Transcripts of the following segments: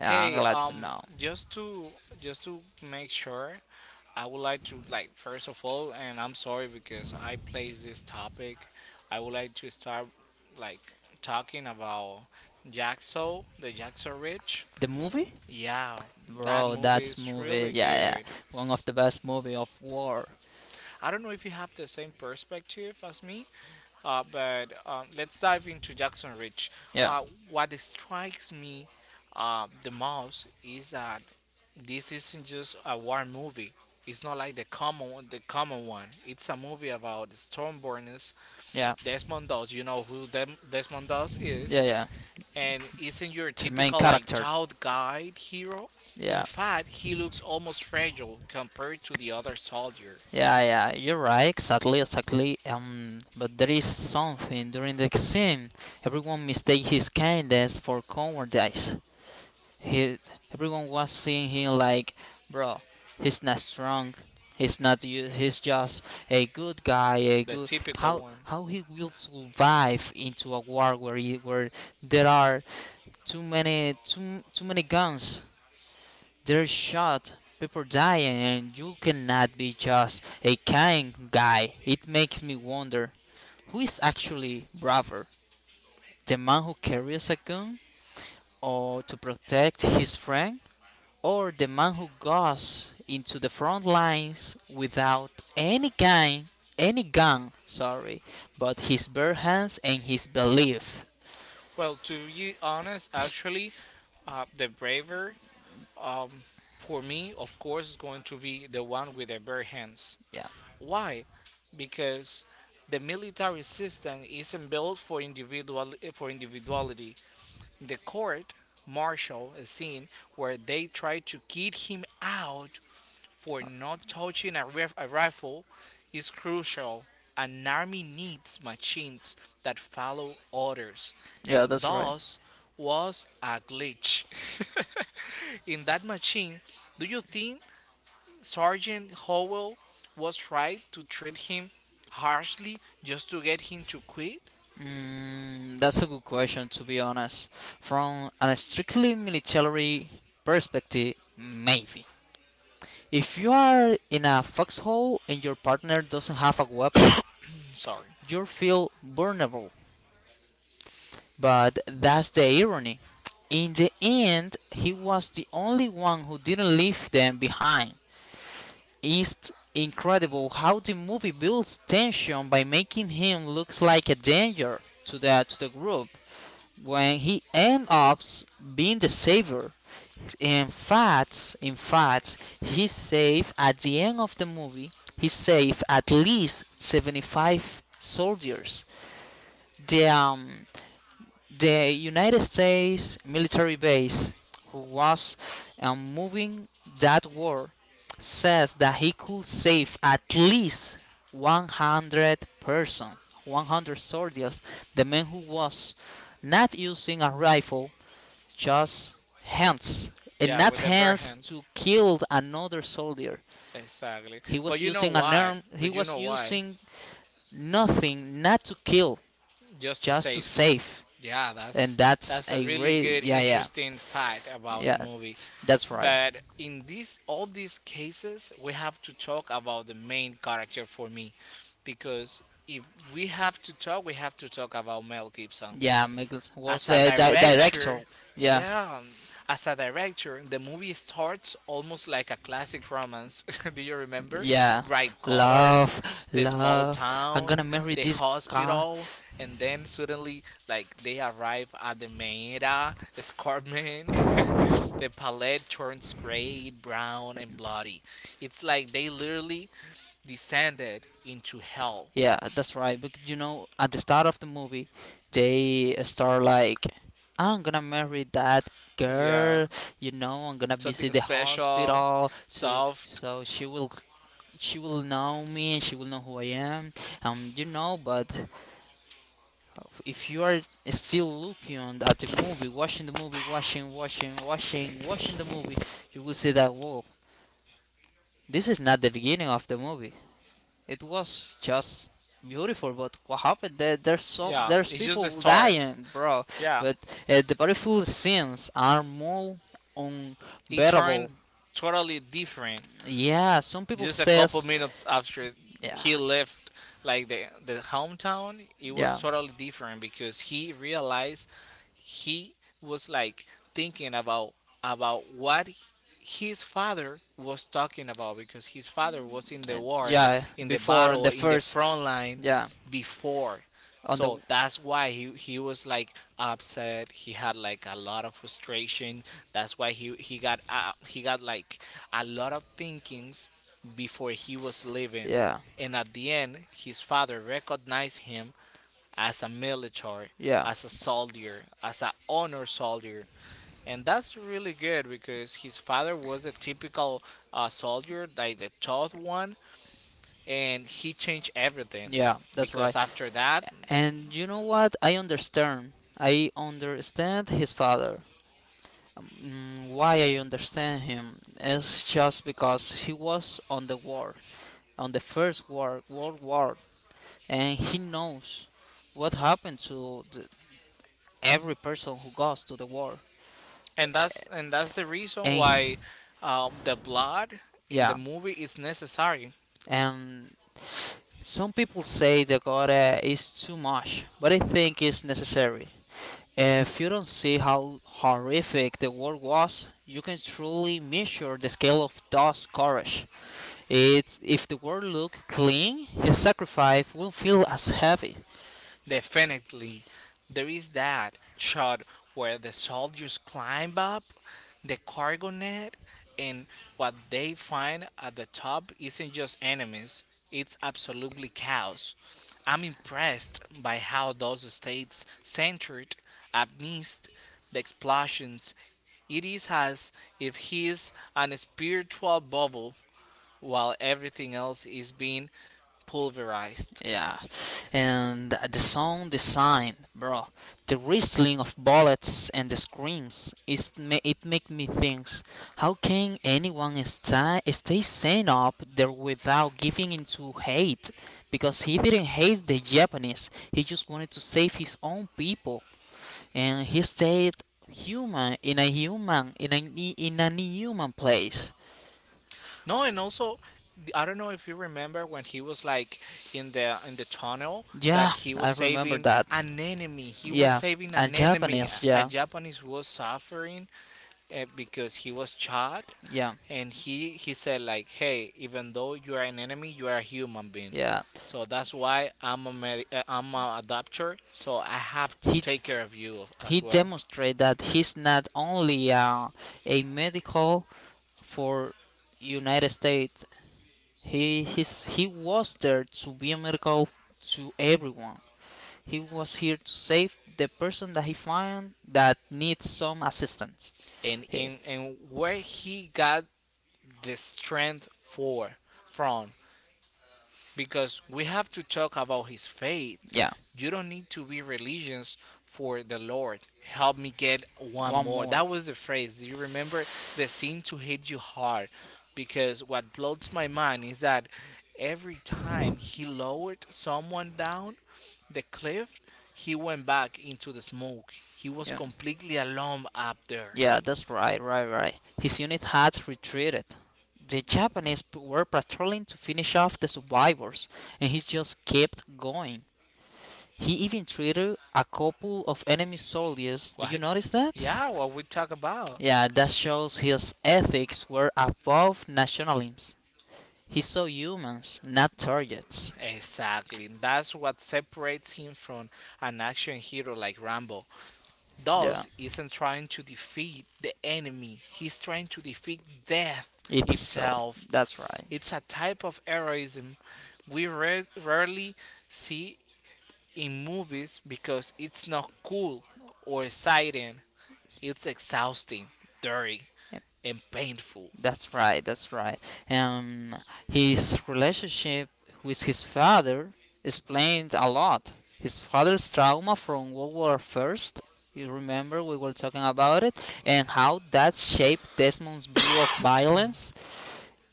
Yeah, I'm glad to know. just to just to make sure, I would like to first of all, and I'm sorry because I placed this topic. I would like to start like talking about the Jackso Rich. The movie? Yeah, that Bro, movie that's is movie. really Yeah, yeah. good. One of the best movie of war. I don't know if you have the same perspective as me. But Let's dive into Jackson Rich. Yeah, Uh, what strikes me the most is that this isn't just a war movie. It's not like the common one. It's a movie about Stormborn's yeah, Desmond Doss. You know who Desmond Doss yeah, is, yeah. and isn't your The main typical like character. child guide hero. In Yeah, fact, he looks almost fragile compared to the other soldier, yeah, yeah. You're right. Exactly, exactly. But there is something during the scene. Everyone mistake his kindness for cowardice. He everyone was seeing him like, bro, he's not strong. He's not. He's just a good guy. A the good typical how one. how he will survive into a war where where there are too many guns. They're shot. People dying, and you cannot be just a kind guy. It makes me wonder who is actually braver, the man who carries a gun, or to protect his friend, or the man who goes into the front lines without any gun, any gun, sorry, but his bare hands and his belief. Well, to be honest, actually, the braver, um, for me, of course, is going to be the one with the bare hands. Yeah. Why? Because the military system isn't built for individuality. The court martial is seen where they try to kid him out for not touching a rifle is crucial. An army needs machines that follow orders, Yeah, and that's right. thus was a glitch. In that machine, do you think Sergeant Howell was right to treat him harshly just to get him to quit? Mm, that's a good question, to be honest. From a strictly military perspective, maybe. If you are in a foxhole and your partner doesn't have a weapon, Sorry. you feel vulnerable. But that's the irony. In the end, he was the only one who didn't leave them behind. It's incredible how the movie builds tension by making him look like a danger to the group when he ends up being the savior. In fact, he saved at the end of the movie. He saved at least 75 soldiers. The um, the United States military base, who was moving that war, says that he could save at least 100 persons, 100 soldiers, the man who was not using a rifle, just hands, and Yeah, not with the bare hands hands. to kill another soldier. Exactly. He But was you know using an why? arm. He But you was know why? using nothing, not to kill, just to just to just to save. save. save. Yeah, and that's And that's that's a a really great, good, yeah, yeah. interesting fact about the Yeah, movie. that's right. Right. But in these all these cases, we have to talk about the main character for me, because if we have to talk, we have to talk about Mel Gibson. Yeah, Miguel was As a the director. director, Yeah, yeah, as a director, the movie starts almost like a classic romance. Do you remember? yeah. Bright colors, Love, the small love. I'm town, gonna marry the this guy. hospital, and then suddenly, like, they arrive at the Meira escarpment. The palette turns gray, brown, and bloody. It's like they literally descended into hell. Yeah, that's right. But you know, at the start of the movie, they start like, "I'm gonna marry that Yeah. girl," you know, "I'm gonna Something visit the special, hospital to soft. so she will know me and she will know who I am." You know, but if you are still looking on- at the movie, watching the movie, watching the movie, you will see that whoa, this is not the beginning of the movie. It was just beautiful, but what happened? There, there's so Yeah, there's it's just the people start. dying, bro. Yeah, But the battlefield scenes are more it turned unbearable. totally different Yeah, some people just a couple says, minutes after yeah, he left like the hometown. It was yeah, totally different because he realized he was like thinking about what his father was talking about, because his father was in the and- war, yeah. in the Before on battle, the in the first, front line yeah, before. on the So that's why he was like upset. He had like a lot of frustration. That's why he got he got like a lot of thinkings before he living. was leaving. Yeah. And at the end, his father recognized him as a military, Yeah. as a soldier, as a honor soldier. And that's really good because his father was a typical soldier, like the tough one, and he changed everything. Yeah. That's Because right. after that, That, and you know what? I understand. I understand his father. Mm, why I understand him is just because he was on the war, on the first war, World War, and he knows what happened to the, every person who goes to the war. And that's the reason And why the blood in the yeah, movie is necessary. and some people say the gore is too much, but I think it's necessary. If you don't see how horrific the war was, you can truly measure the scale of those courage. It's, if the war looked clean, his sacrifice will feel as heavy. Definitely. There is that shot where the soldiers climb up the cargo net, and what they find at the top isn't just enemies, it's absolutely chaos. I'm impressed by how those states centered amidst the explosions. It is as if he's on a spiritual bubble while everything else is being pulverized. Yeah, and the sound design, bro, the whistling of bullets and the screams, is it make me think, how can anyone stay sane up there without giving into hate? Because he didn't hate the Japanese, he just wanted to save his own people, and he stayed human in a human in an human place. No, and also I don't know if you remember when he was like in the tunnel Yeah, that he was I remember saving that. an enemy. He was Yeah, saving a an enemy. Japanese. A Yeah, Japanese was suffering because he was shot, yeah. and he said like, "Hey, even though you are an enemy, you are a human being. Yeah. So So that's why I'm a I'm a adopter. So I have to He take care of you he as so well." demonstrated that he's not only a medical for United States. He was there to be a medical to everyone. He was here to save the person that he found that needs some assistance. and He, and and where he got the strength for from, because we have to talk about his faith. yeah, You don't need to be religious for the Lord. Help me get one one more. more. That was the phrase. Do you remember the sin to hit you hard? Because what blows my mind is that every time he lowered someone down the cliff, he went back into the smoke. He was Yeah, completely alone up there. yeah, that's right, right, right. His unit had retreated. The Japanese were patrolling to finish off the survivors, and he just kept going. He even treated a couple of enemy soldiers. Do Well, you notice that? yeah, what we talk about. Yeah, that shows his ethics were above nationalisms. He saw humans, not targets. Exactly. That's what separates him from an action hero like Rambo. Yeah, Thus isn't trying to defeat the enemy. He's trying to defeat death itself. itself. That's It's right. a type of heroism we rarely see in movies because it's not cool or exciting. It's exhausting, dirty, and painful. That's right, that's right. Um, his relationship with his father explained a lot. His father's trauma from World War First. You remember we were talking about it and how that shaped Desmond's view of violence.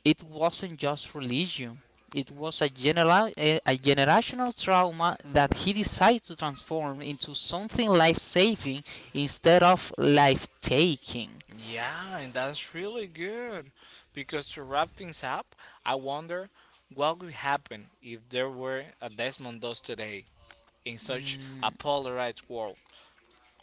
It wasn't just religion. It was a, a generational trauma that he decided to transform into something life saving instead of life taking. Yeah, and that's really good. Because to wrap things up, I wonder what would happen if there were a Desmond Doss today in such a polarized world.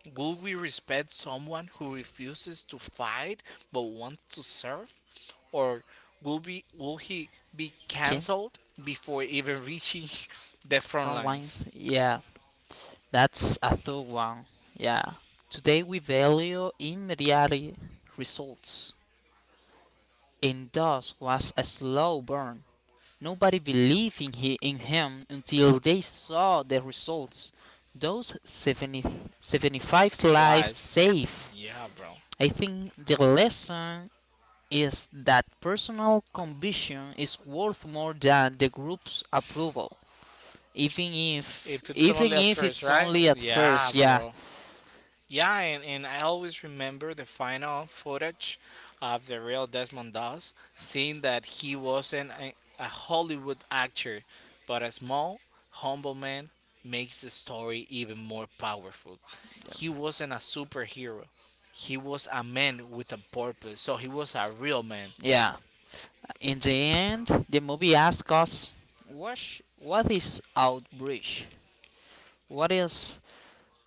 Would we respect someone who refuses to fight but wants to serve? Or will he be Okay. cancelled before even reaching the front Front lines? lines. Yeah, that's a third one. Yeah. Today we value immediate results, and thus was a slow burn. Nobody believed in, he, in him until they saw the results. Those seventy five lives Lives. saved. Yeah, bro. I think the lesson is that personal conviction is worth more than the group's approval. even if If it's even only at if first, it's right? only at first, Yeah, yeah, bro. Yeah, and I always remember the final footage of the real Desmond Doss. Seeing that he wasn't a Hollywood actor, but a small, humble man makes the story even more powerful. He wasn't a superhero. He was a man with a purpose. So he was a real man, yeah, in the end the movie asks us what, what is outreach, what is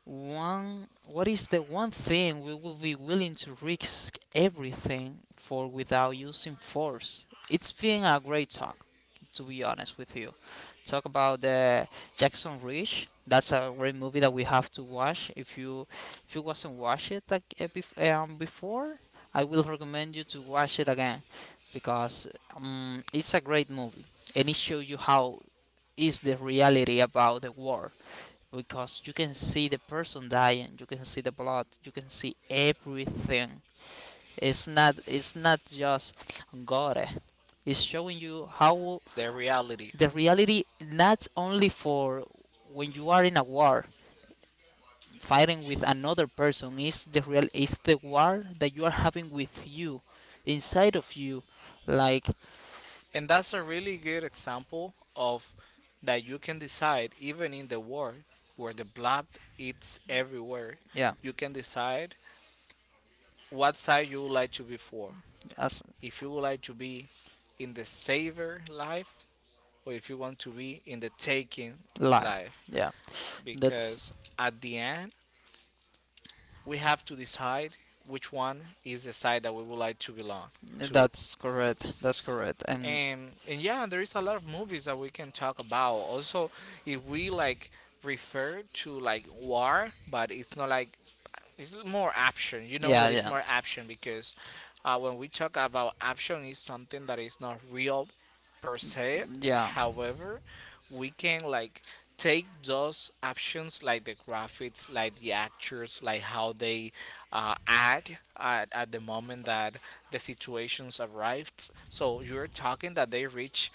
one, what is the one thing we will be willing to risk everything for without using force? It's been a great talk, to be honest with you. Talk about the Jackson Reach. That's a great movie that we have to watch. If you wasn't watch it like before, I will recommend you to watch it again because it's a great movie and it shows you how is the reality about the war, because you can see the person dying, you can see the blood, you can see everything. It's not, it's not just gore. It's showing you how the reality. the reality, not only for when you are in a war fighting with another person, is the real, is the war that you are having with you inside of you, like, And that's a really good example of that you can decide, even in the world where the blood eats everywhere, yeah, you can decide what side you would like to be for. as If you would like to be in the saver life, or if you want to be in the taking life, life. yeah, Because that's at the end, we have to decide which one is the side that we would like to belong to. that's correct, that's correct, and And yeah, there is a lot of movies that we can talk about also, if we like refer to like war, but it's not like, it's more option. You know yeah, that it's yeah. more option because when we talk about option, it's something that is not real per se. Yeah, However, we can like take those options like the graphics, like the actors, like how they act at the moment that the situations arrived, so you're talking that they reach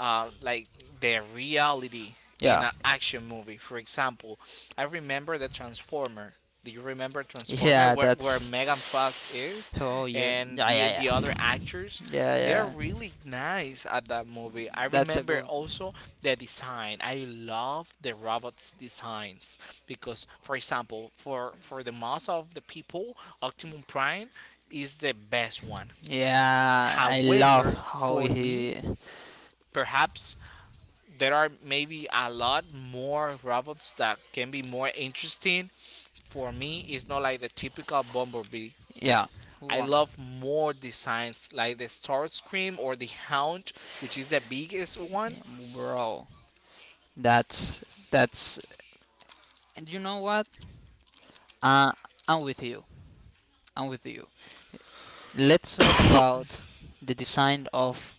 like the reality in yeah, an action movie. For example, I remember the Transformer. Do you remember Transformer, yeah. where Megan Fox That's, is, oh yeah, and yeah, the yeah, the yeah, other actors? yeah, They're yeah. really nice at that movie. I That's a remember good. also the design. I love the robots' designs because, for example, for the mass of the people, Optimum Prime is the best one. Yeah, I love However, how for me, he. perhaps there are maybe a lot more robots that can be more interesting. For me, it's not like the typical Bumblebee. Yeah, who I won? love more designs like the Starscream or the Hound, which is the biggest one. Yeah, bro, that's, that's. And you know what? Uh, I'm with you. I'm with you. Let's talk about the design of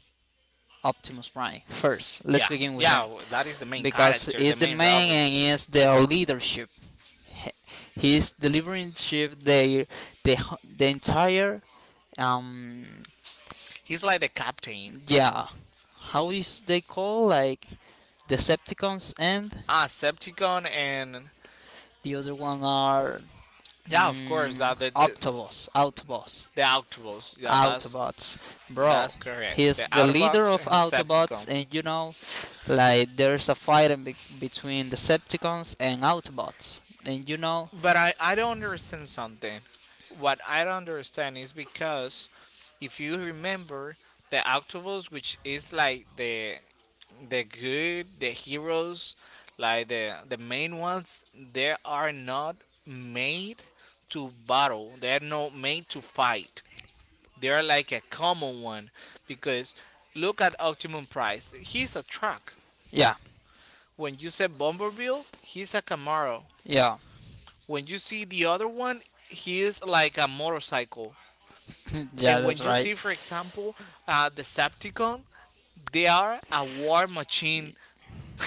Optimus Prime first. Let's Yeah, begin with yeah, him. that is the main Because character, the he's the main man robot. and he's the leadership. He's delivering ship the the the entire um He's like the captain. yeah, how is they call like Decepticons and Ah, Septicon and the other one are yeah, of course that Autobots, Autobots, the Autobots. Yeah, that's Autobots, bro. Correct. He's The the leader Autobots of and Autobots, Septicon. and you know like there's a fight in between Decepticons and Autobots, and you know. But I don't understand something. What I don't understand is because if you remember the Octopus, which is like the good, the heroes, like the main ones, they are not made to battle. They are not made to fight. They are like a common one because look at Optimum Price. He's a truck. Yeah, When you say Bomberville, he's a Camaro. yeah. When you see the other one, he is like a motorcycle. Yeah, And when that's you right. see, for example, Decepticon, they are a war machine.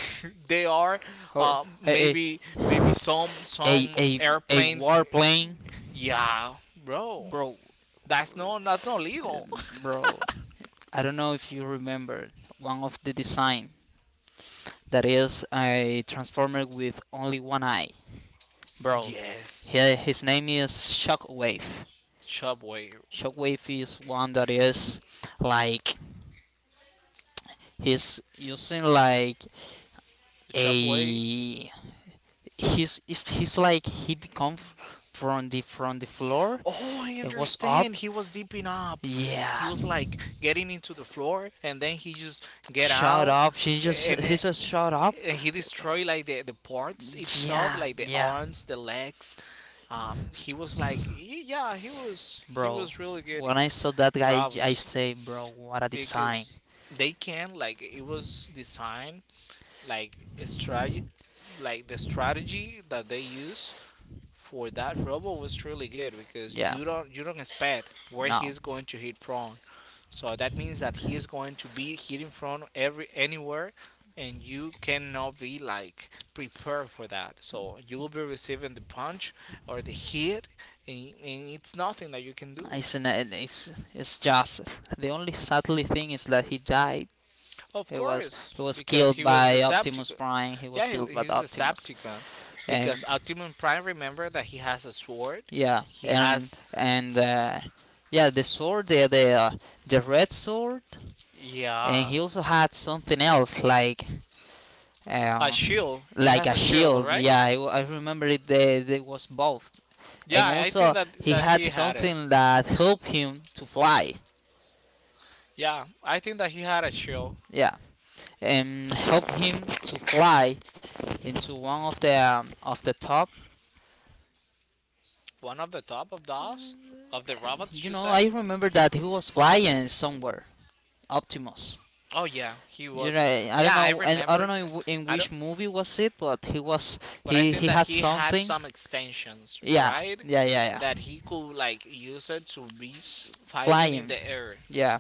They are Hor- hey, maybe some hey, a airplanes. warplane, Yeah, bro, bro, that's no, that's not uh, legal. bro. I don't know if you remember one of the design that is a transformer with only one eye, bro. Yes, He, his name is Shockwave. Subway, Shockwave is one that is like he's using like Subway. a, he's, he's like he become from the floor. Oh, I It was up. understand. He was deeping up. He Yeah, was like getting into the floor, and then he just get shut out, up. She just and he says shut up. He destroyed like the parts itself, Yeah, like the yeah, arms, the legs, he was like yeah, he bro. was really good When I saw that guy, I robots say, bro, what a design. because they can like, it was designed like a strategy, like the strategy that they use for that robot was really good because Yeah, you don't expect where no, he's going to hit from, so that means that he is going to be hitting from every anywhere, and you cannot be like prepared for that. So you will be receiving the punch or the hit, and it's nothing that you can do. it's, it's just, the only sadly thing is that he died. Of He was course, he was because killed he was by Optimus Decepticon. Prime. He Yeah, was killed by he's Optimus. Decepticon And because Optimus Prime, remember that he has a sword. yeah, He and has and yeah, the sword, the the red sword, and yeah, he also had something else a um, shield. He like has a a shield, shield. right? Yeah, I remember it. They was both, Yeah, and I think also he that had he had it. something that helped him to fly. Yeah, I think that he had a shield. Yeah, and helped him to fly into one of the top. One of the top of the house of the robots, You you know, said? I remember that he was flying somewhere, Optimus. Oh yeah, he You was. know, I don't Yeah, I know, and I don't remember. know in, in I don't, which movie was it, but he was but I think he that had he had something. some extensions, Yeah, right? yeah, yeah, yeah, That he could like use it to be fighting in flying. the air. Yeah.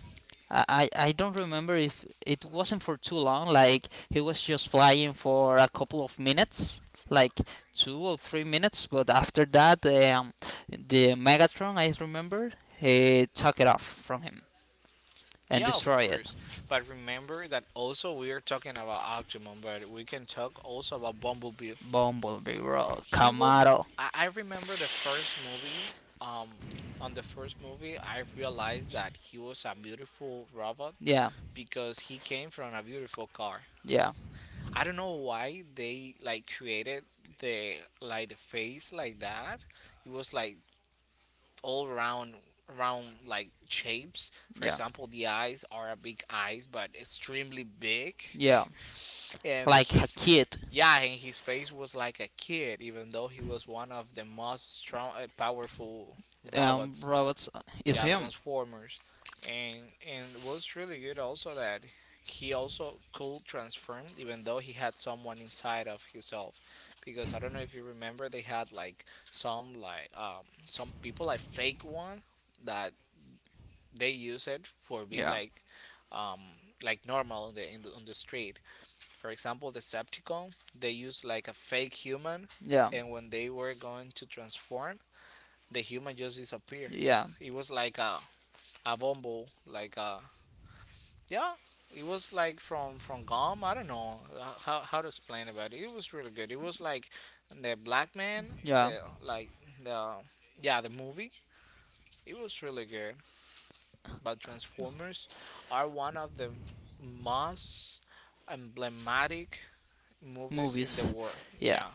I don't remember if it wasn't for too long, like he was just flying for a couple of minutes, like 2 or 3 minutes, but after that, the Megatron, I remember, he took it off from him and Yeah, of destroyed it. course. But remember that also we are talking about Octomon, but we can talk also about Bumblebee. Bumblebee, bro, He was. Camaro. I remember the first movie. Um, on the first movie, I realized that he was a beautiful robot Yeah, because he came from a beautiful car. yeah, I don't know why they like created the like the face like that. It was like all round like shapes. For yeah, example, the eyes are a big eyes but extremely big yeah. and Like a his kid. yeah, and his face was like a kid even though he was one of the most strong powerful robots, Robots is yeah, him. transformers. And and what's really good also that he also could transform even though he had someone inside of himself, because I don't know if you remember, they had like some people like fake one that they use it for being Yeah, um like normal on the, in the on the street. For example, decepticon, they use like a fake human, yeah, and when they were going to transform, the human just disappeared. yeah, It was like a Avombo, like yeah, it was like from Gom. I don't know how to explain about it. It was really good. It was like the black man, yeah. the like the yeah, the movie. It was really good. But Transformers are one of the most emblematic movies in the Movies. world. Yeah. Yeah,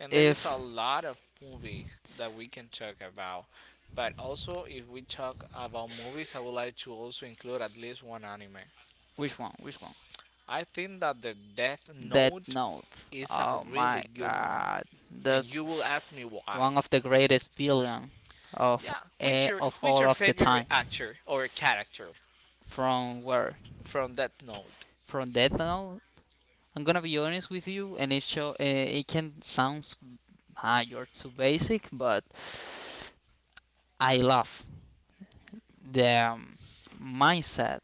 and there is a If. lot of movie that we can talk about. But also, if we talk about movies, I would like to also include at least one anime. Which one? Which one? I think that the Death Death Note Note. is a Oh really my good one, god. and you will ask me That's why. one of the greatest villain of Yeah, who's a, your of who's all your of the favorite time. actor or character From where? from Death Note? From Death Note? I'm gonna be honest with you, and it show it can sounds, ah, you're too basic, but I love the mindset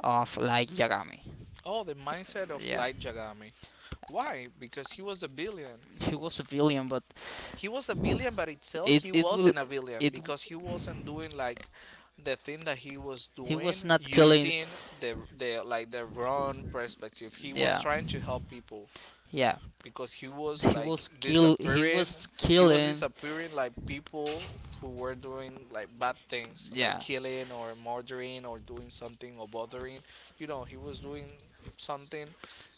of like Yagami. Oh, the mindset of Yeah, Light Yagami. Why? Because he was a billion. he was a villain, but He was a billion, but itself it he it will, wasn't a billion it, because he wasn't doing like the thing that he was he doing was not killing. using the wrong perspective. He was Yeah, trying to help people, yeah, because he was he like was kill, he disappearing. was He was killing, disappearing like people who were doing like bad things, like yeah, killing or murdering or doing something or bothering. You know, he was doing something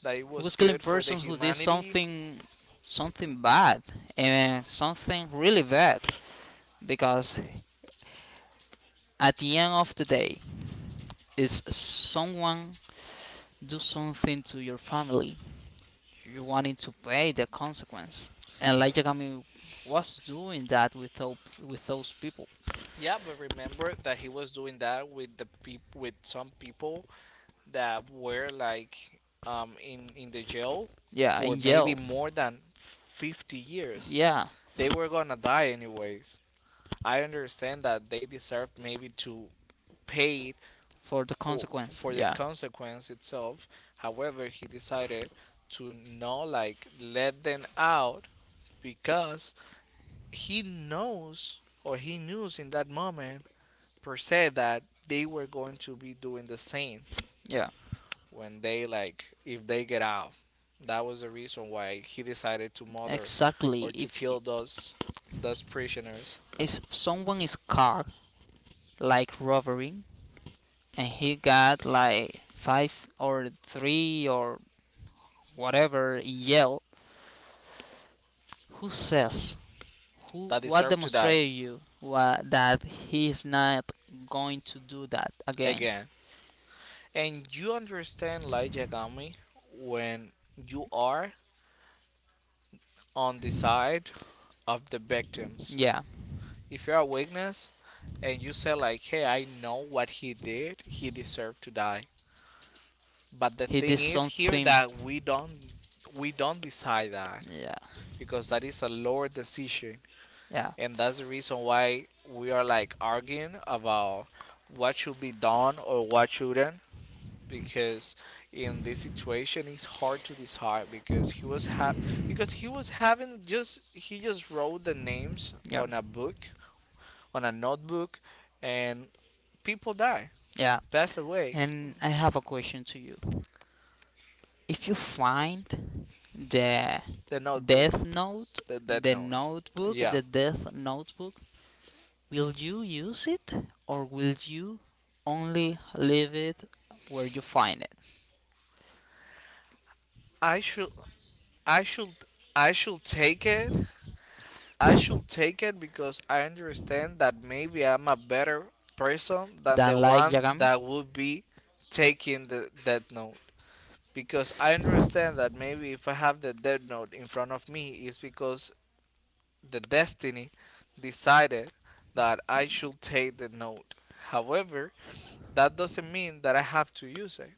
that it he was was killing good for the persons who did humanity. something, something bad, and something really bad, because at the end of the day is someone do something to your family, you wanting to pay the consequence, and like Yagami was doing that with with those people. Yeah, but remember that he was doing that with the peop- with some people that were like in the jail Yeah, for in maybe jail, more than 50 years. yeah, They were gonna die anyways. I understand that they deserve maybe to pay for the consequence, for the yeah, consequence itself. However, he decided to not like let them out because he knows or he knew in that moment per se that they were going to be doing the same yeah, when they like if they get out. That was the reason why he decided to murder exactly. or to if kill those prisoners if someone is caught like robbering and he got like five or three or whatever in jail, who says, who that what deserve to die demonstrated you what, that he is not going to do that again? again. And you understand light yagami when you are on the side of the victims. Yeah, If you're a witness and you say like, "Hey, I know what he did. He deserved to die." But the he thing did is here something. that we don't decide that, Yeah, because that is a lower decision, yeah, and that's the reason why we are like arguing about what should be done or what shouldn't, because in this situation it's hard to decide because because he was having, just he just wrote the names yeah, on a book, on a notebook, and people die, yeah. pass away, And I have a question to you. If you find the the notebook, Death Note, that the note, notebook, yeah. the Death Notebook, will you use it or will you only leave it where you find it? I should i should i should take it. I should take it because I understand that maybe I'm a better person than the Than like one Yagami, that would be taking the that note, because I understand that maybe if I have the Death Note in front of me, it's because the destiny decided that I should take the note. However, that doesn't mean that I have to use it.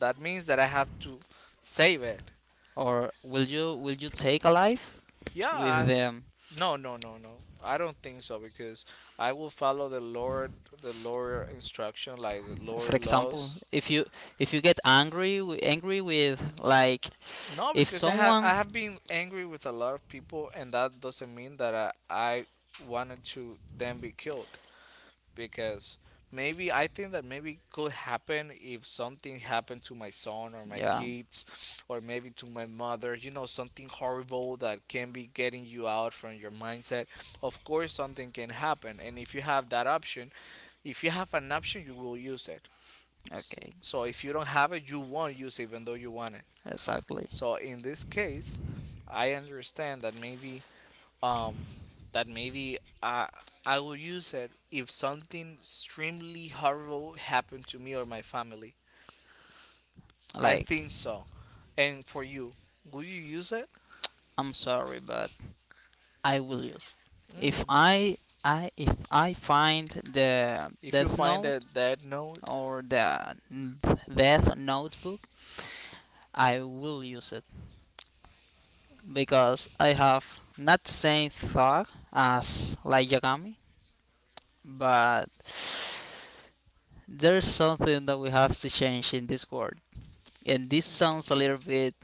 That means that I have to save it. or will you, will you take a life Yeah, with them? no, no, no, no. I don't think so because I will follow the Lord instruction, like the For Lord example, laws. if you get angry angry with like, No, if because someone, I have been angry with a lot of people, and that doesn't mean that I wanted to then be killed. Because maybe I think that maybe it could happen if something happened to my son or my yeah, kids, or maybe to my mother. You know, something horrible that can be getting you out from your mindset. Of course, something can happen, and if you have that option, if you have an option, you will use it. S- okay, So if you don't have it, you won't use it, even though you want it. exactly. So in this case, I understand um that maybe I will use it if something extremely horrible happened to me or my family. I Like, think so. And for you, will you use it? I'm sorry, but I will use it. If Mm. I, I if I find the If you Death find Note that note? or the Death Notebook, I will use it because I have not the same thought as like Yagami, but there's something that we have to change in this world, and this sounds a little bit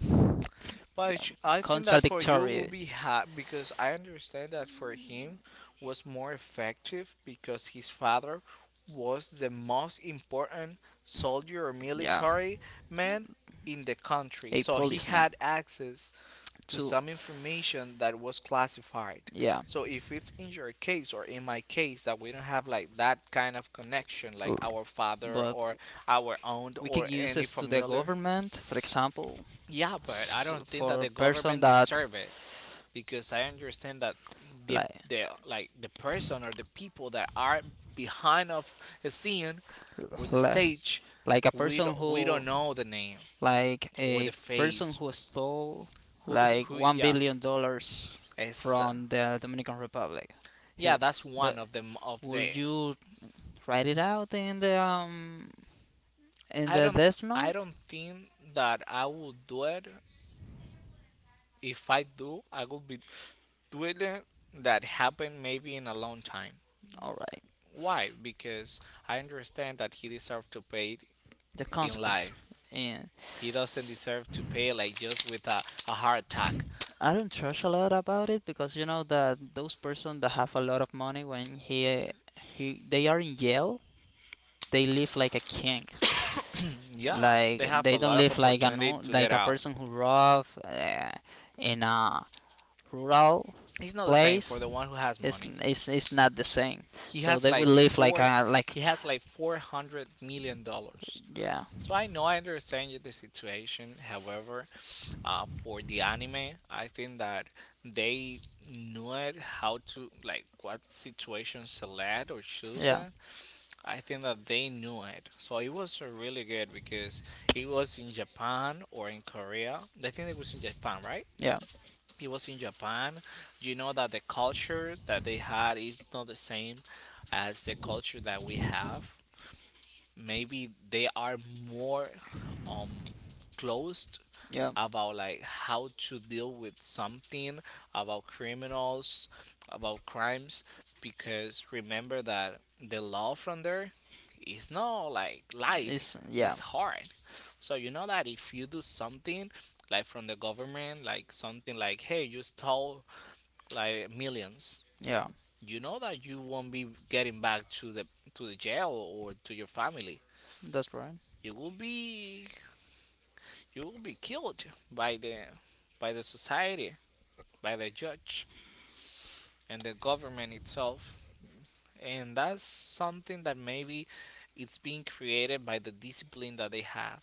But sh- I think that for you will contradictory. be happy because I understand that for him was more effective because his father was the most important soldier or Yeah, military man in the country. a So he policeman had access to too. some information that was classified. Yeah, So if it's in your case or in my case that we don't have like that kind of connection like our father but or our aunt we can or use any this to the familiar, government, for example, yeah, but I don't think that for the person government that, deserve it, because I understand that the like the person or the people that are behind of the scene or the like stage, like a person we who, don't know the name like or a the person face. who stole Who, like who? one Yeah, billion dollars it's from the Dominican Republic. yeah. He- That's the, one of them of the. would you write it out in I the don't death I note? don't think that I will do it. If I do, I will be doing it that happened maybe in a long time. All right, Why? Because I understand that he deserved to pay it the in consequence life. in, He doesn't deserve to pay like just with a heart attack. I don't trust a lot about it because you know that those person that have a lot of money, when he, they are in jail, they live like a king. Yeah, Like, they have they a don't lot of live like a, opportunity no, to like get a out. person who rob in a rural It's not the same for place. the one who has it's, money. it's it's not the same, He so has they will like live like four. a, like, He has like $400 million. yeah, So I know I understand the situation. However, for the anime, I think that they knew it how to like what situation select or choose yeah, it, I think that they knew it. So it was really good because it was in Japan or in Korea. I think it was in Japan, right? yeah, It was in Japan. You know that the culture that they had is not the same as the culture that we have. Maybe they are more um closed yeah, about like how to deal with something, about criminals, about crimes, because remember that the law from there is not like it's, light, yeah, it's hard. So you know that if you do something like from the government, like something like, hey, you stole like millions, yeah, you know that you won't be getting back to the jail or to your family, that's right, you will be, you will be killed by the by the society, by the judge and the government itself. And that's something that maybe it's being created by the discipline that they have.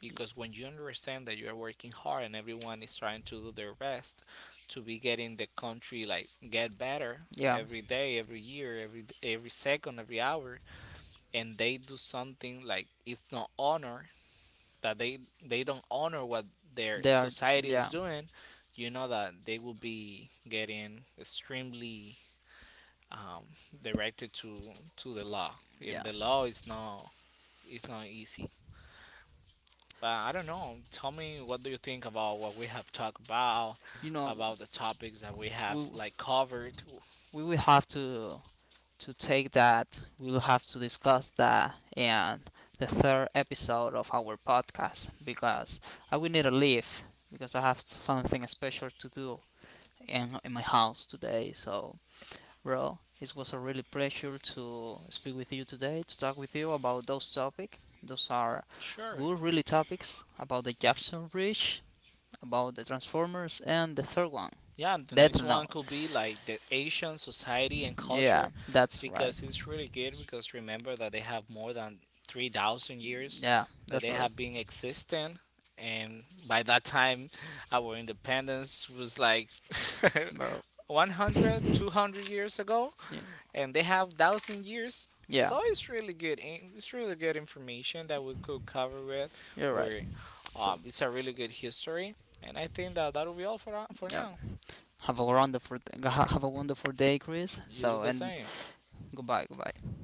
Because when you understand that you are working hard and everyone is trying to do their best to be getting the country like get better yeah, every day, every year, every second, every hour, and they do something like it's not honor, that they don't honor what their they are, society is yeah, doing, you know that they will be getting extremely um, directed to the law, yeah, and the law is not easy. But I don't know. Tell me, what do you think about what we have talked you know. about the topics that we have we like covered? we will have to take that, we'll have to discuss that in the third episode of our podcast because I will need to leave, because I have something special to do in my house today. So, bro, it was a really pleasure to speak with you today, to talk with you about those topics. Those are Sure. good, really topics about the Jackson Bridge, about the Transformers, and the third one, Yeah, and the Death next one Note. could be like the Asian society and Yeah, culture, that's right. because it's really good because remember that they have more than 3,000 years Yeah, that that's they right, have been existing, and by that time our independence was like bro. 100, 200 years ago, Yeah. and they have 1,000 years, Yeah, so it's really good in- it's really good information that we could cover with you're right. or So, it's a really good history, and I think that that will be all for yeah. now. Have a wonderful, have a wonderful day, Chris. You do So, the and same. goodbye, goodbye.